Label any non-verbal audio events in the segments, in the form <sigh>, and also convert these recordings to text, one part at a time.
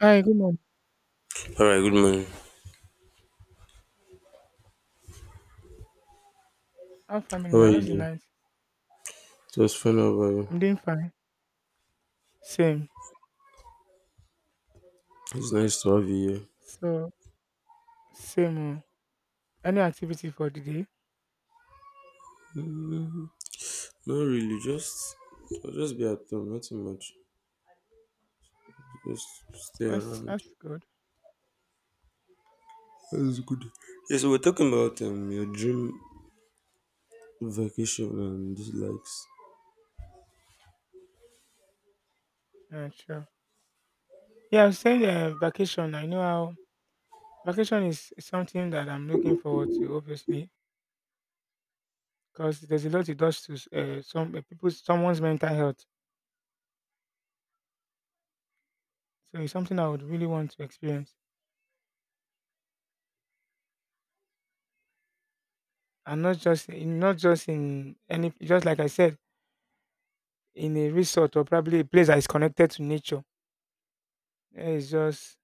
Hi, good morning. All right, good morning. How family How are now? How's you the doing? night? Just fine. How about you? I'm doing fine. Same. It's nice to have you here. So same. Oh. Any activity for the day? Mm, not really. I'll just be at home. Nothing much. Just stay That's around. that's good. That's good. Yeah, so we're talking about your dream vacation and dislikes. Yeah, sure. Yeah, I was saying vacation. I know how vacation is something that I'm looking forward to, obviously, because there's a lot it does to some people, someone's mental health. So it's something I would really want to experience, and not just in any, just like I said, in a resort or probably a place that is connected to nature. It's just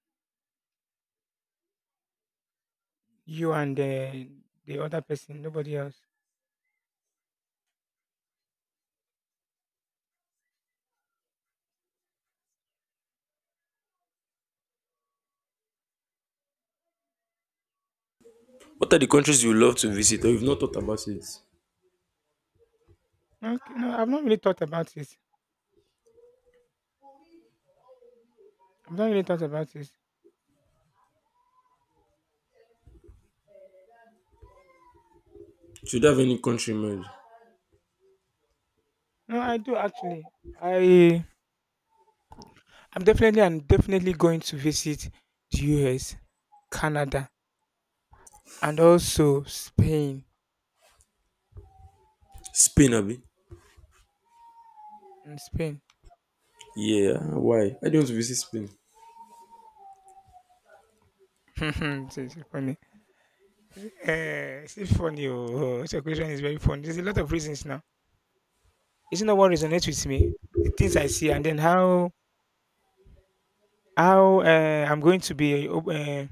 you and the other person, nobody else. What are the countries you love to visit, or you've not thought about it? Okay, no, I've not really thought about this. I've not really thought about this. Should have any country in mind? No, I do actually. I I'm definitely going to visit the US, Canada, and also Spain. Spain, Abby. And Spain. Yeah. Why? I don't want to visit Spain. <laughs> It's funny. It's funny. Oh, your question is very funny. There's a lot of reasons now. Isn't that what resonates with me? The things I see, and then how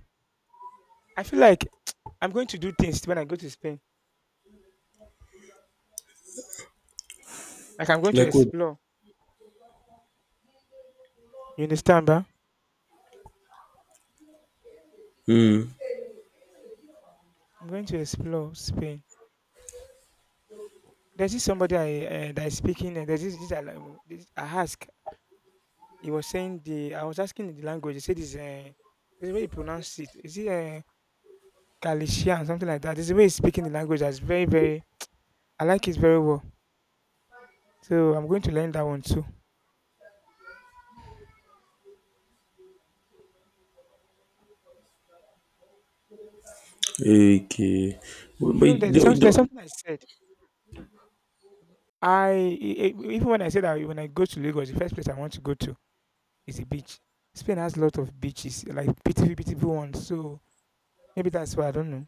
I feel like <tsk> I'm going to do things when I go to Spain. Like I'm going to Like what? explore. You understand, ba? Hmm. I'm going to explore Spain. There's this somebody I that is speaking. There's this I ask. He was saying the. I was asking the language. He said this. This is way he pronounce it. Is it Galician something like that? This is the way he's speaking the language. That's very very. I like it very well. So I'm going to learn that one too. Okay. But, You but know, you there's don't, something. you There's don't. something I said. I even when I said that when I go to Lagos, the first place I want to go to, it's a beach. Spain has a lot of beaches, like beautiful, beautiful ones. So maybe that's why I don't know.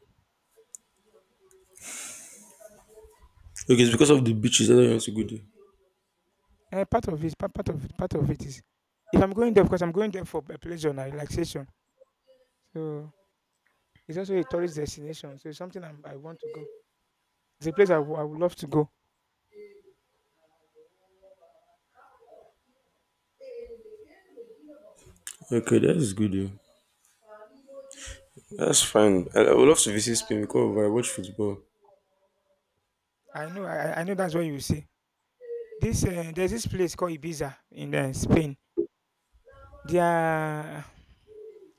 Okay, it's because of the beaches. I don't want to go there. Part of it is if I'm going there, because I'm going there for a pleasure and relaxation. So it's also a tourist destination. So it's something I want to go. It's a place I would love to go. Okay, that is good though. That's fine. I would love to visit Spain because I watch football. I know, I know that's what you will see. This there's this place called Ibiza in Spain. Their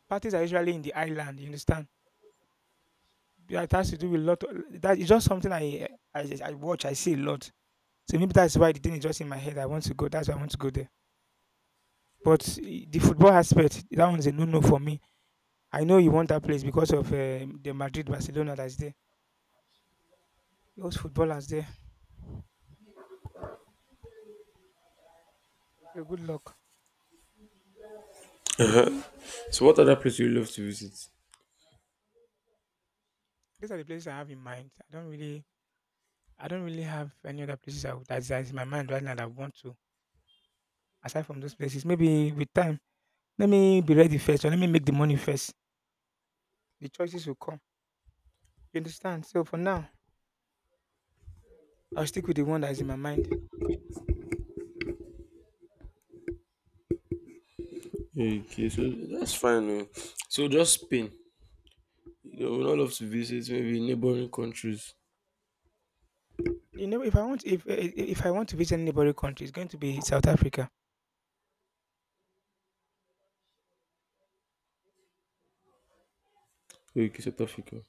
parties are usually in the island. You understand? Yeah, it has to do with a lot. Of, that is just something I watch. I see a lot. So maybe that's why the thing is just in my head. I want to go. That's why I want to go there. But the football aspect, that one's a no-no for me. I know you want that place because of the Madrid, Barcelona that's there. Those footballers there. So good luck. So, what other place do you love to visit? These are the places I have in mind. I don't really have any other places I would, that's in my mind right now that I want to. Aside from those places, maybe with time, let me be ready first, or let me make the money first. The choices will come. You understand? So for now, I'll stick with the one that's in my mind. Okay, so that's fine. Oh. So, just Spain. I would not love to visit maybe neighboring countries. You know, if I want to visit any neighboring country, it's going to be South Africa. Okay, South Africa.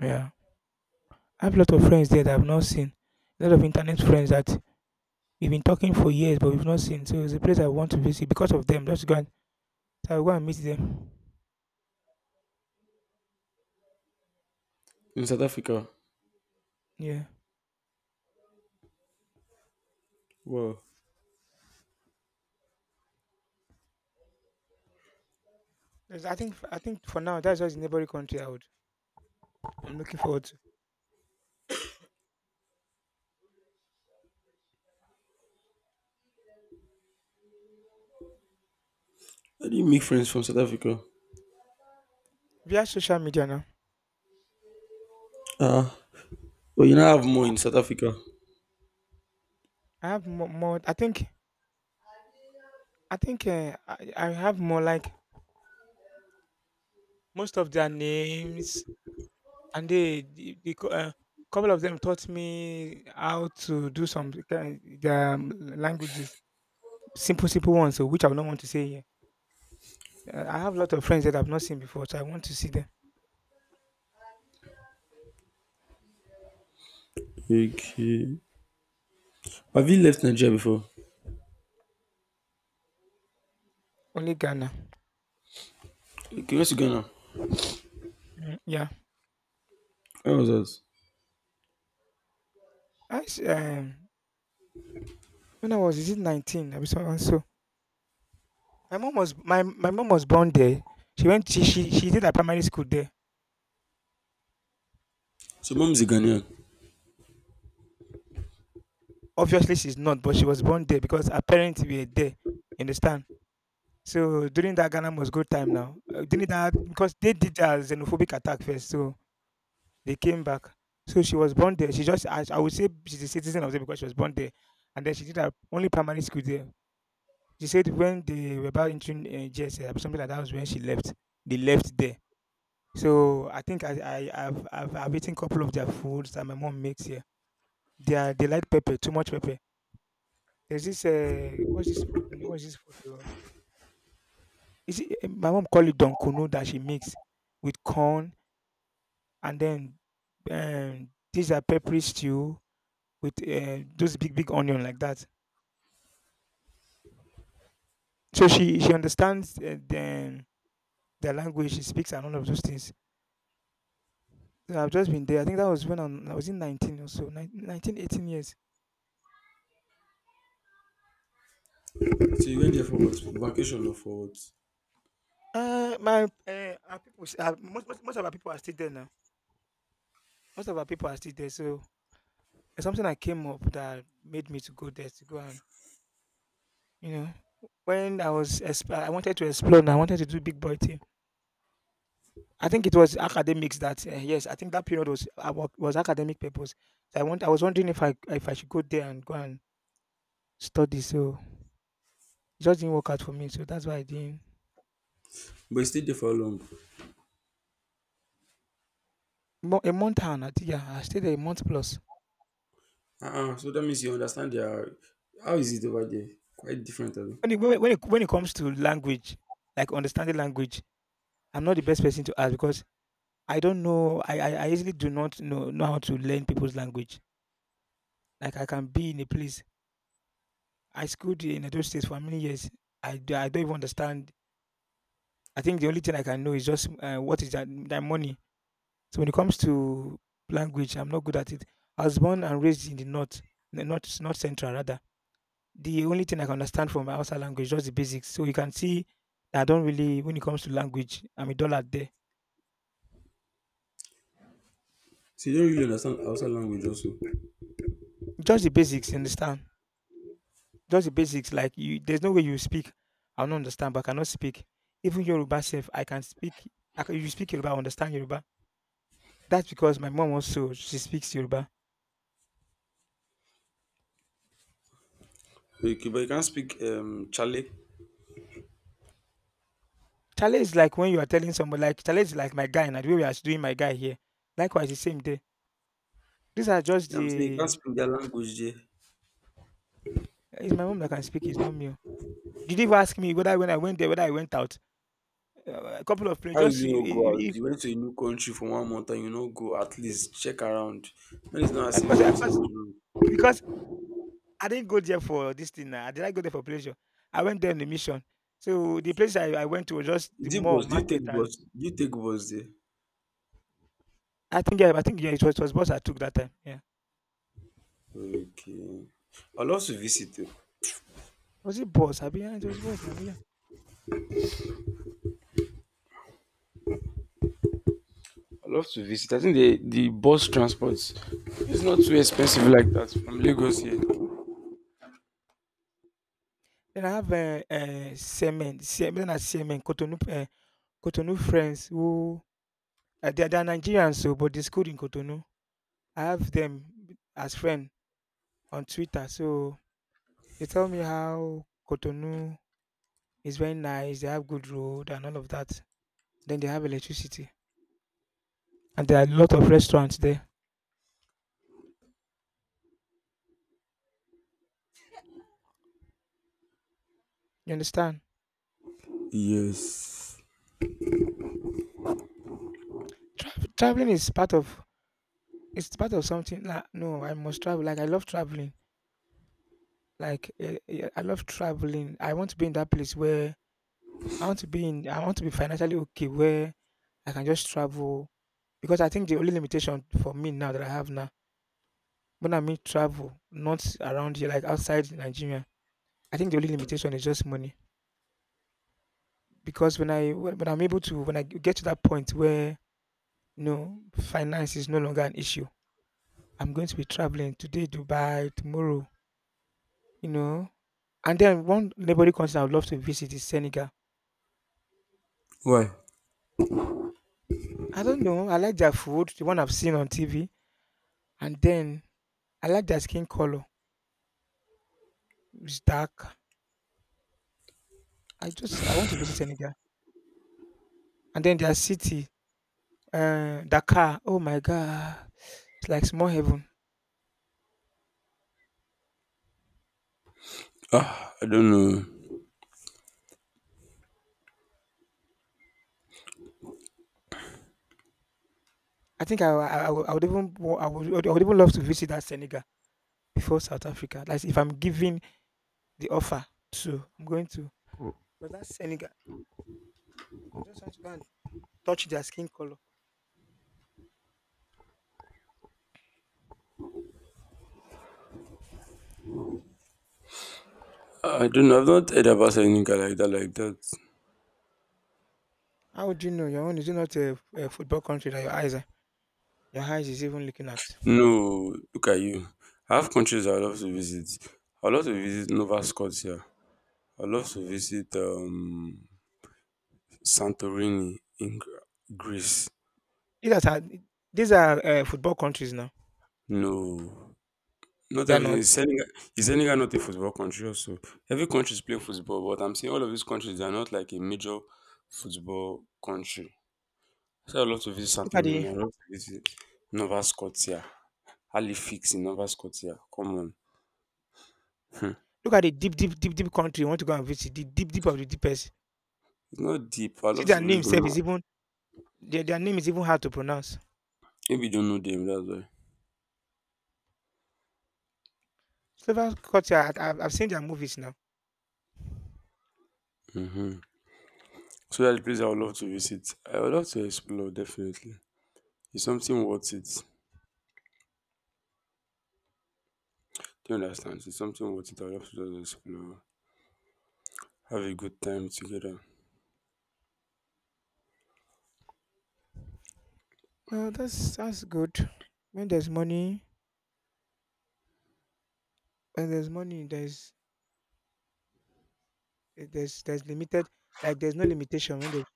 Yeah, I have a lot of friends there that I've not seen. A lot of internet friends that we've been talking for years, but we've not seen. So it's a place I want to visit because of them. Just go and so I'll go and meet them. In South Africa. Yeah, Wow. I think for now that's just the neighboring country I'm looking forward to. How do you make friends from South Africa? Via social media now, Ah, well, you now have more in South Africa. I have more. More I think I have more like most of their names. And they the cou couple of them taught me how to do some kind their languages, simple, simple ones, so which I do not want to say here. I have a lot of friends that I've not seen before, so I want to see them. Okay. Have you left Nigeria before? Only Ghana. Okay, went to Ghana. Mm, yeah. How was that? I s when I was, is it 19? I was so and so. My mom was born there. She went she did her primary school there. So, mom is a Ghanaian. Obviously she's not, but she was born there because her parents were there. You understand? So during that Ghana must go time now, during that because they did a xenophobic attack first, so they came back. So she was born there. I would say she's a citizen of there because she was born there, and then she did her only primary school there. She said when they were about entering GSS, something like that was when she left. They left there. So I think I I've eaten couple of their foods that my mom makes here. They like pepper too much pepper. There's this what's this food? What's this food? My mom call it donkuno that she makes with corn and then these are peppery stew with those big big onion like that. So she understands the language. She speaks and all of those things. So I've just been there. I think that was when I was in 19 or so, 19, 18 years. So, you went there for what? For vacation or for what? My our people, most of our people are still there now. Most of our people are still there. So it's something that came up that made me to go there to go and you know when I wanted to explore. And I wanted to do big boy thing I think it was academics that yes, I think that period was academic purpose. So I was wondering if I should go there and go and study. So it just didn't work out for me. So that's why I didn't. But you stayed there for how long? A month and I think yeah, I stayed there a month plus. Uh-uh. So that means you understand their. How is it over there? Quite different, I think. When it comes to language, like understanding language, I'm not the best person to ask because I don't know. I easily do not know how to learn people's language. Like I can be in a place. I schooled in those states for many years. I don't even understand. I think the only thing I can know is just what is that money. So when it comes to language, I'm not good at it. I was born and raised in the north, north central rather. The only thing I can understand from my outside language just the basics. So you can see that I don't really, when it comes to language, I'm a dollar there. So you don't really understand outside language also. Just the basics, you understand? Just the basics. Like you, there's no way you speak. I don't understand, but I cannot speak. Even Yoruba self, I can speak. You speak Yoruba, I understand Yoruba. That's because my mom also she speaks Yoruba. Okay, but you can't speak Chale. Challenge is like when you are telling someone, like, challenge is like my guy, and the way we are doing my guy here. Likewise, the same day. These are just I'm saying you can't the. speak their language there. It's my mom that can speak, it's not me. Oh. Did you ask me whether when I went there, whether I went out? A couple of planes, How will just see you not go out? You went to a new country for 1 month and you not go at least check around. That is not as eh, if because something eh, was because wrong. because I didn't go there for this thing. Now. I didn't go there for pleasure. I went there on a mission. So the place I went to was just the Is it mall bus? Market, and Do you take bus there? I think yeah, it was bus I took that time. Yeah, Okay. I love to visit, though. was it bus? I mean, yeah, it was bus. I mean, yeah. I love to visit. I think the bus transport is not too expensive like that from Lagos here. Then I have semen, semen, then I semen, Cotonou, Cotonou friends who they're Nigerians, so but they schooled in Cotonou. I have them as friend on Twitter, so they tell me how Cotonou is very nice. They have good road and all of that. Then they have electricity, and there are a lot of restaurants there. You understand? Yes. Traveling is part of it's part of something. Like, no, I must travel. Like I love traveling. Like yeah, I love traveling. I want to be in that place where I want to be in. I want to be financially okay where I can just travel because I think the only limitation for me now that I have now, when I mean travel, not around here, like outside Nigeria, I think the only limitation is just money. Because when I'm able to when I get to that point where you know finance is no longer an issue, I'm going to be traveling today Dubai, tomorrow, you know. And then one neighboring country I would love to visit is Senegal. Why? I don't know. I like their food, the one I've seen on TV, and then I like their skin color. It's dark. I want to visit Senegal, and then their city Dakar. Oh my God, it's like small heaven. Ah, I don't know. I think I would even wa- I would even love to visit that Senegal before South Africa. Like if I'm given the offer, so I'm going to. But that Senegal, I just want to go and touch their skin color. I don't know. I've not heard about any guy like that, like that. How would you know your own? Is it not a football country that your eyes are? Your eyes is even looking at. No, look at you. I have countries I'd love to visit. I'd love to visit Nova Scotia. I'd love to visit Santorini in Greece. These are these are football countries now. No, not They are everything. Is not. Senegal, is Senegal not a football country also? Every country is playing football, but I'm saying all of these countries, they're not like a major football country. So I'd love to visit Look at the Santorini. I'd love to visit Nova Scotia. Halifax in Nova Scotia. Come on. Hmm. Look at the deep country you want to go and visit. The deep deep of the deepest. It's not deep. I See, love their to name read the self is map. even their name is even hard to pronounce. Maybe you don't know them, that's Several culture, I've seen their movies now. why. Hmm So that's the place I would love to visit. I would love to explore, definitely. It's something worth it. Do you understand? It's something worth it. I would love to just explore. Have a good time together. That's good. When there's money, when there's money, there's limited, like there's no limitation. When there's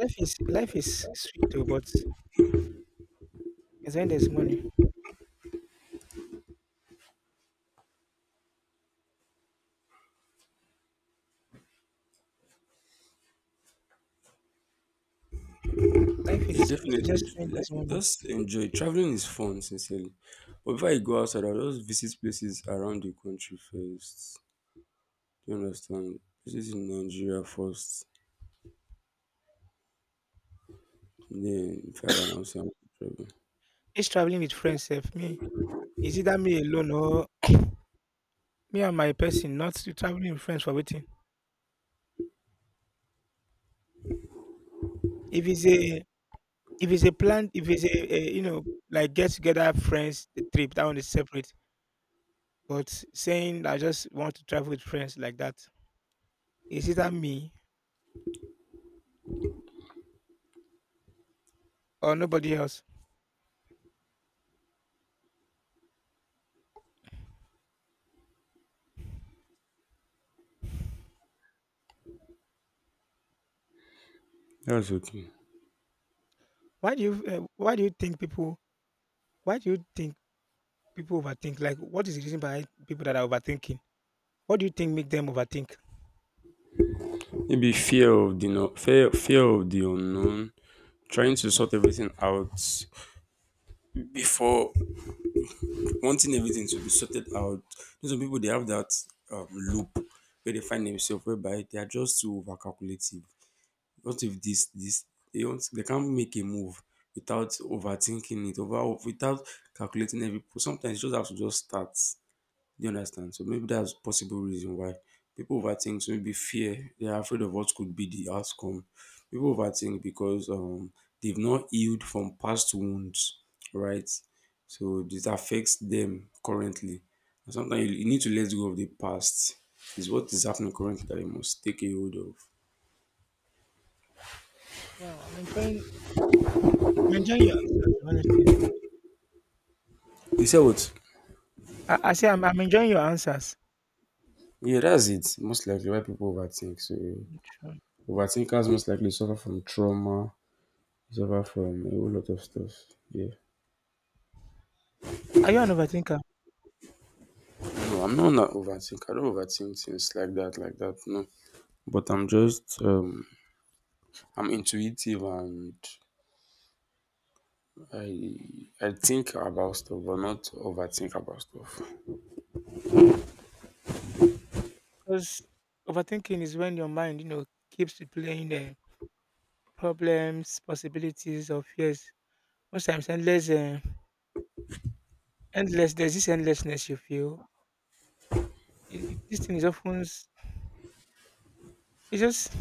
life is sweet too, but it's when there's money. Life is Yeah, sweet just definitely. when there's Like, money. just enjoy. Traveling is fun, sincerely. But before I go outside, I'll just visit places around the country first. Do you understand? Places in Nigeria first. Then, if I can also travel. It's traveling with friends, self me. Is it that me alone or me and my person not traveling with friends for waiting? If it's a if it's a plan, if it's a you know like get together friends, the trip, that one is separate. But saying I just want to travel with friends like that—is, it's either me or nobody else. That's okay. Why do you think people why do you think people overthink? Like what is the reason behind people that are overthinking? What do you think make them overthink? Maybe fear of the no, fear of the unknown, trying to sort everything out before, wanting everything to be sorted out. You know, some people they have that loop where they find themselves whereby they are just too over. What if this, this, they don't, they can't make a move without overthinking it, over without calculating every, sometimes you just have to just start. Do you understand? So maybe that's possible reason why people overthink. So maybe fear, they are afraid of what could be the outcome. People overthink because they've not healed from past wounds, right? So this affects them currently. And sometimes you need to let go of the past. Is what is happening currently that you must take a hold of. Wow, I'm enjoying your answers, honestly. You say what? I say I'm enjoying your answers. Yeah, that's it. Most likely why people overthink. So Sure. overthinkers most likely suffer from trauma, suffer from a whole lot of stuff. Yeah. Are you an overthinker? No, I'm not, not overthink. I don't overthink things like that, like that. No, but I'm just I'm intuitive and I I think about stuff, but not overthink about stuff. Because overthinking is when your mind, you know, keeps replaying problems, possibilities, or fears. Most times, endless, endless. There's this endlessness you feel. This thing is often it's just,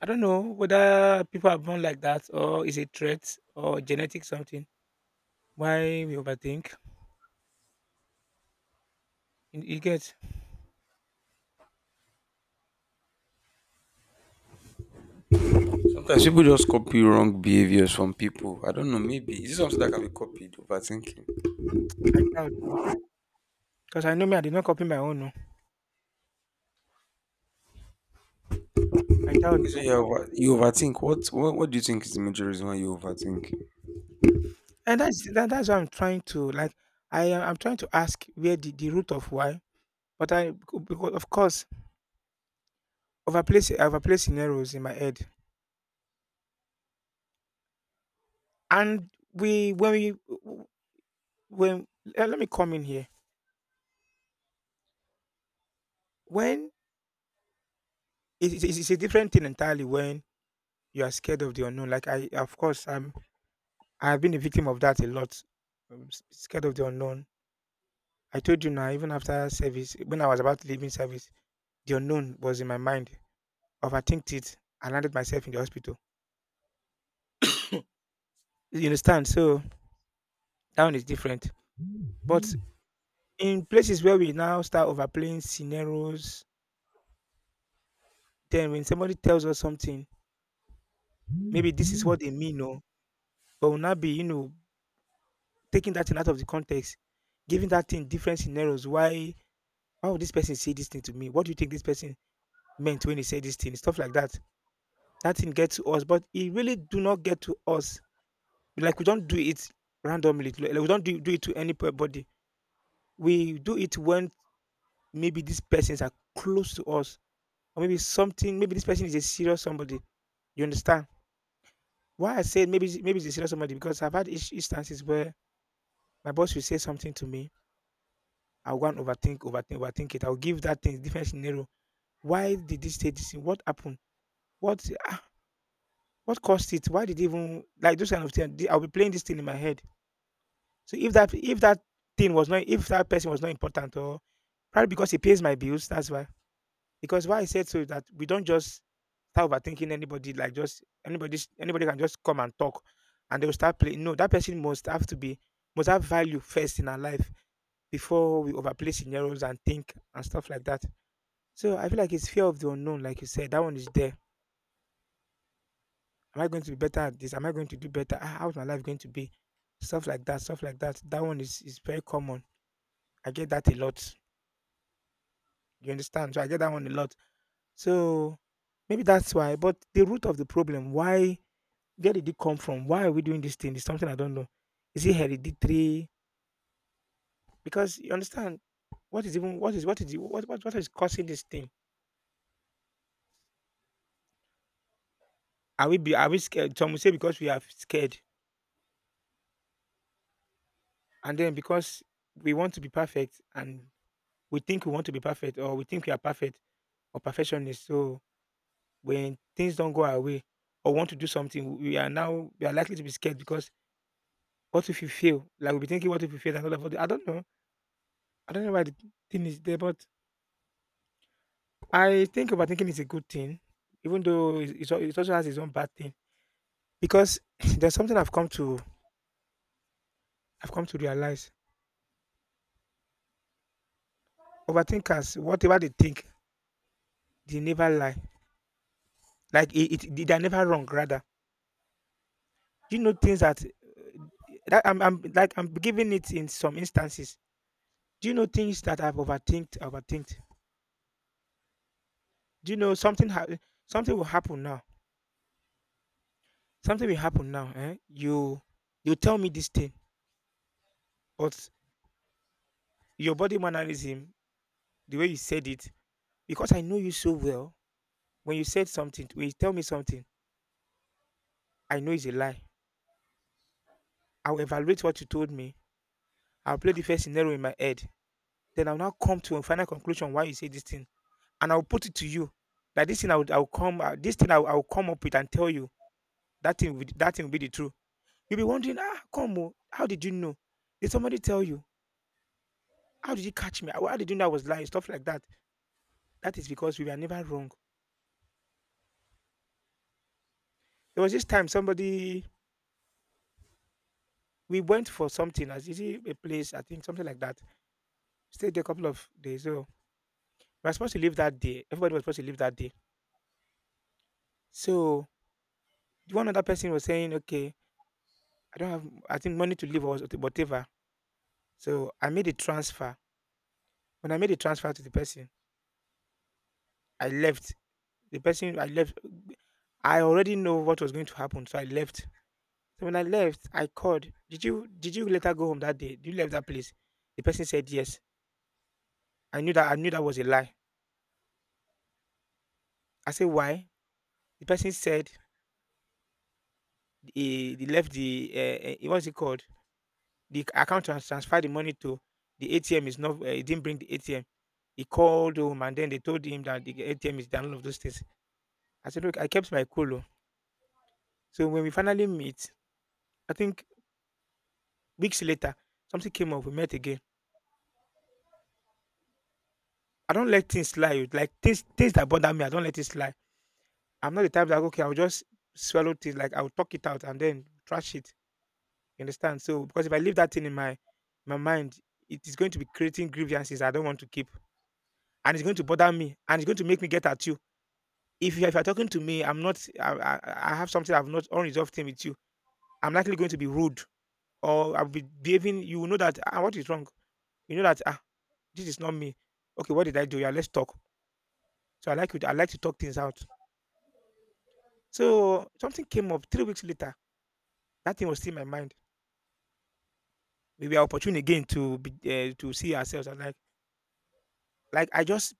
I don't know whether people are born like that or is a threat or genetic something. Why we overthink? You get? Sometimes people just copy wrong behaviors from people. I don't know. Maybe is it something that can be copied? Overthinking. I doubt though, because I know me. I did not copy my own. Oh. I doubt You though, say you over, you overthink. What do you think is the major reason why you overthink? and that's what I'm trying to like. I'm trying to ask where the root of why, but I, because of course, overplace I overplay scenarios in my head, and when let me come in here, when it's a different thing entirely when you are scared of the unknown. Like I, of course, I'm. I've been a victim of that a lot. I'm scared of the unknown. I told you now, even after service, when I was about to leave in service, the unknown was in my mind. Overthinked it. I landed myself in the hospital. You understand? So that one is different. But in places where we now start overplaying scenarios, then when somebody tells us something, maybe this is what they mean, or but will not be, you know, taking that thing out of the context, giving that thing different scenarios. Why would this person say this thing to me? What do you think this person meant when he said this thing? Stuff like that. That thing gets to us, but it really do not get to us. Like we don't do it randomly. Like, we don't do it to anybody. We do it when maybe these persons are close to us, or maybe something. Maybe this person is a serious somebody. You understand? Why I said maybe it's a serious somebody, because I've had instances where my boss will say something to me. I'll go and overthink it. I'll give that thing different scenario. Why did this say this thing? What happened? What? Ah, what caused it? Why did it even, like, those kind of things? I'll be playing this thing in my head. So if that thing was not, if that person was not important, or probably because he pays my bills, that's why. Because why I said so is that we don't just start overthinking anybody, like just anybody can just come and talk and they will start playing. No, that person must have to be, must have value first in our life before we overplay scenarios and think and stuff like that. So I feel like it's fear of the unknown, like you said. That one is there. Am I going to be better at this? Am I going to do better? Ah, how's my life going to be? Stuff like that, stuff like that. That one is very common. I get that a lot. You understand? So I get that one a lot. So maybe that's why. But the root of the problem, why, where did it come from? Why are we doing this thing? Is something I don't know. Is it hereditary? Because you understand, what is even what is what is what is causing this thing? Are we scared? Some will say because we are scared, and then because we want to be perfect, and we think we want to be perfect, or we think we are perfect, or perfectionist. So when things don't go our way or want to do something, we are likely to be scared because what if you fail? Like we'll be thinking, what if you fail? And all of that. I don't know. I don't know why the thing is there, but I think overthinking is a good thing, even though it's it also has its own bad thing. Because <clears throat> there's something I've come to realize. Overthinkers, whatever they think, they never lie. Like it, they're never wrong. Rather, you know things that, that I'm giving it in some instances. Do you know things that I've overthinked? Overthinked. Do you know something? Something will happen now. Something will happen now. Eh? You tell me this thing, but your body mannerism, the way you said it, because I know you so well. When you tell me something, I know it's a lie. I'll evaluate what you told me. I'll play the first scenario in my head. Then I'll now come to a final conclusion why you say this thing, and I'll put it to you that this thing I would, I'll come, this thing I'll come up with and tell you that thing, that thing will be the truth. You'll be wondering, "Ah, come oh, how did you know? Did somebody tell you? How did you catch me? How did you know I was lying?" Stuff like that. That is because we were never wrong. There was this time somebody, we went for something, as is it a place, I think something like that. Stayed there a couple of days. So we were supposed to leave that day. Everybody was supposed to leave that day. So one other person was saying, "Okay, I don't have, I think, money to leave or whatever." So I made a transfer. When I made a transfer to the person, I left. The person I left, I already know what was going to happen, so I left. So when I left, I called. Did you later go home that day? Did you leave that place? The person said yes. I knew that was a lie. I said why? The person said he left the what's it called? The account transferred the money to the ATM is not. He didn't bring the ATM. He called home and then they told him that the ATM is down. All of those things. I said look, I kept my cool. Oh." So when we finally meet, I think weeks later something came up. We met again. I don't let things slide. Like things that bother me, I don't let it slide. I'm not the type that okay, I'll just swallow it. Like I'll talk it out and then trash it. You understand? So because if I leave that thing in my my mind, it is going to be creating grievances I don't want to keep, and it's going to bother me, and it's going to make me get at you. If you're talking to me, I'm not. I have something, I've not, unresolved thing with you. I'm likely going to be rude, or I'll be behaving. You will know that what is wrong. You know that this is not me. Okay, what did I do? Yeah, let's talk. So I like you. I like to talk things out. So something came up 3 weeks later. That thing was still in my mind. We were opportune again to be, to see ourselves. And like I just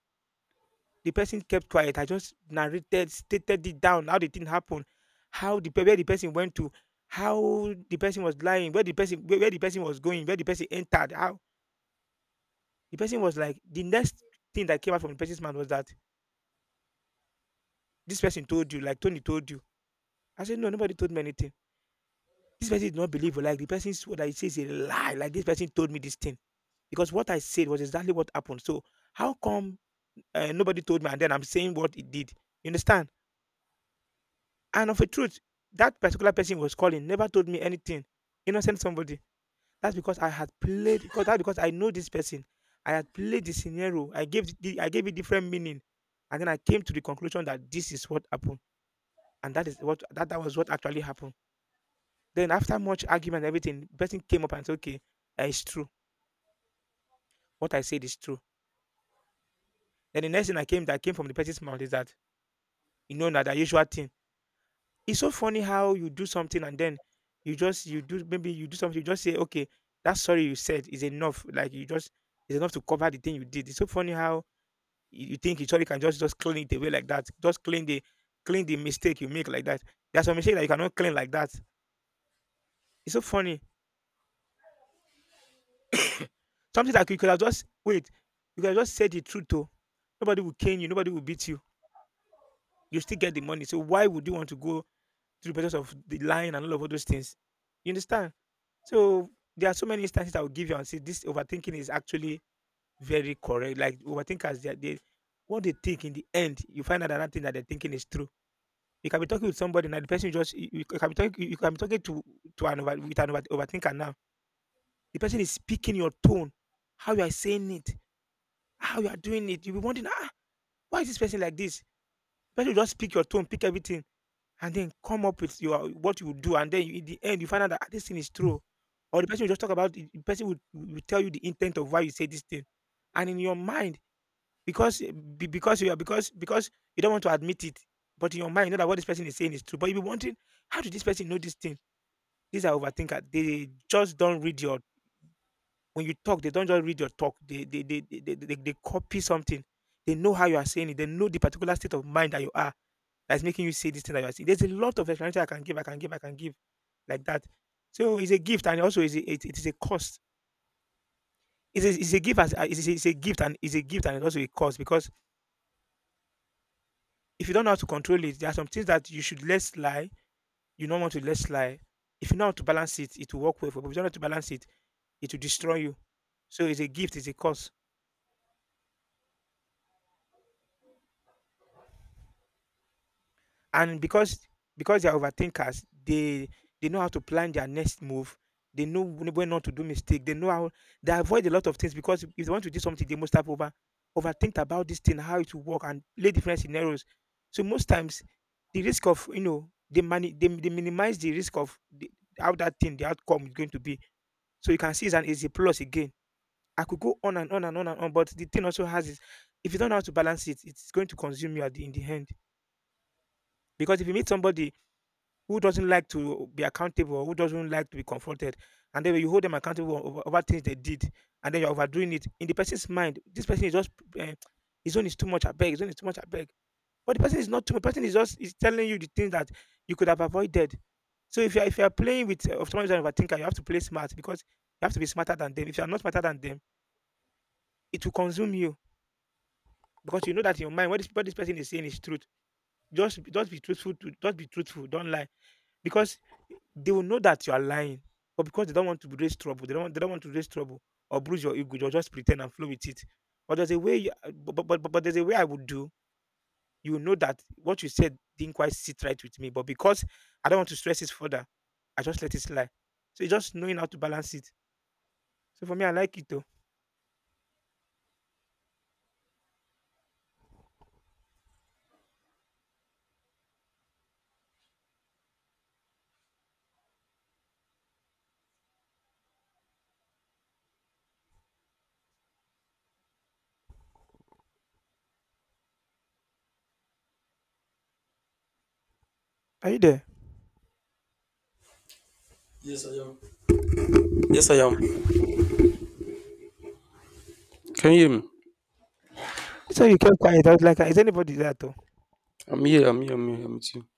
the person kept quiet. I just narrated, stated it down, how the thing happened, where the person went to, how the person was lying, where the person was going, where the person entered, how the person was like. The next thing that came out from the person's mouth was that this person told you, like Tony told you. I said no, nobody told me anything. This person did not believe. Like the person what I say is a lie. Like this person told me this thing because what I said was exactly what happened. So how come nobody told me, and then I'm saying what it did. You understand? And of a truth, that particular person was calling never told me anything. Innocent somebody. That's because I had played. Because that's because I know this person. I had played the scenario. I gave the, I gave it different meaning, and then I came to the conclusion that this is what happened, and that is what that was what actually happened. Then after much argument and everything, the person came up and said, "Okay, it's true. What I said is true." Then the next thing I came that came from the person's mouth is that you know that the usual thing. It's so funny how you do something and then you just you do maybe you do something, you just say, "Okay, that sorry you said is enough." Like you just it's enough to cover the thing you did. It's so funny how you think you sorry can just clean it away like that. Just clean the mistake you make like that. There's some mistake that you cannot clean like that. It's so funny. Something that you could have just wait, you could have just said the truth to. Nobody will cane you, nobody will beat you. You still get the money. So why would you want to go through the process of the lying and all those things? You understand? So there are so many instances I will give you and say this overthinking is actually very correct. Like overthinkers, they what they think in the end, you find out that that thing that they're thinking is true. You can be talking with somebody, and the person just you, you can be talking, you can be talking to an overthinker now. The person is speaking your tone, how you are saying it, how you are doing it. You'll be wondering, why is this person like this? The person will just speak your tone, pick everything. And then come up with your what you would do, and then you in the end you find out that, "Ah, this thing is true." Or the person will just talk about the person will tell you the intent of why you say this thing. And in your mind, because be- because you are because you don't want to admit it, but in your mind you know that what this person is saying is true. But you'll be wondering, how did this person know this thing? These are overthinker. They just don't read your when you talk, they don't just read your talk. They copy something. They know how you are saying it. They know the particular state of mind that you are that's making you say this thing that you are saying. There's a lot of explanation I can give like that. So it's a gift and also is it is a cost. It's a gift as it's a gift and it's a gift and it's also a cost because if you don't know how to control it, there are some things that you should let slide. You don't want to let slide. If you know how to balance it, it will work well for you. But if you don't know how to balance it, it will destroy you. So it's a gift, it's a cost. And because they are overthinkers, they know how to plan their next move. They know when not to do mistake. They know how they avoid a lot of things, because if they want to do something they must have overthink about this thing, how it will work, and play different scenarios. So most times the risk of you know they minimize the risk of the, how that thing the outcome is going to be. So you can see it's an easy plus again. I could go on and on but the thing also has is if you don't know how to balance it, it's going to consume you in the end. Because if you meet somebody who doesn't like to be accountable, who doesn't like to be confronted, and then when you hold them accountable over things they did, and then you're overdoing it in the person's mind. This person is just uh, his own is too much. I beg, his own is too much. I beg, but the person is not too much. The person is telling you the things that you could have avoided. So if you are playing with someone who's an overthinker, you have to play smart because you have to be smarter than them. If you are not smarter than them, it will consume you because you know that in your mind what this person is saying is truth. Just be truthful. Just be truthful. Don't lie, because they will know that you are lying, but because they don't want to raise trouble, they don't want to raise trouble or bruise your ego, they'll just pretend and flow with it. But there's a way, but there's a way I would do. You will know that what you said didn't quite sit right with me, but because I don't want to stress it further, I just let it slide. So it's just knowing how to balance it. So for me, I like it though. Are you there? Yes, I am. Yes, I am. Can you hear me? So you kept quiet. I was like, is anybody there? Though? I'm here. I'm here. I'm here. I'm with you.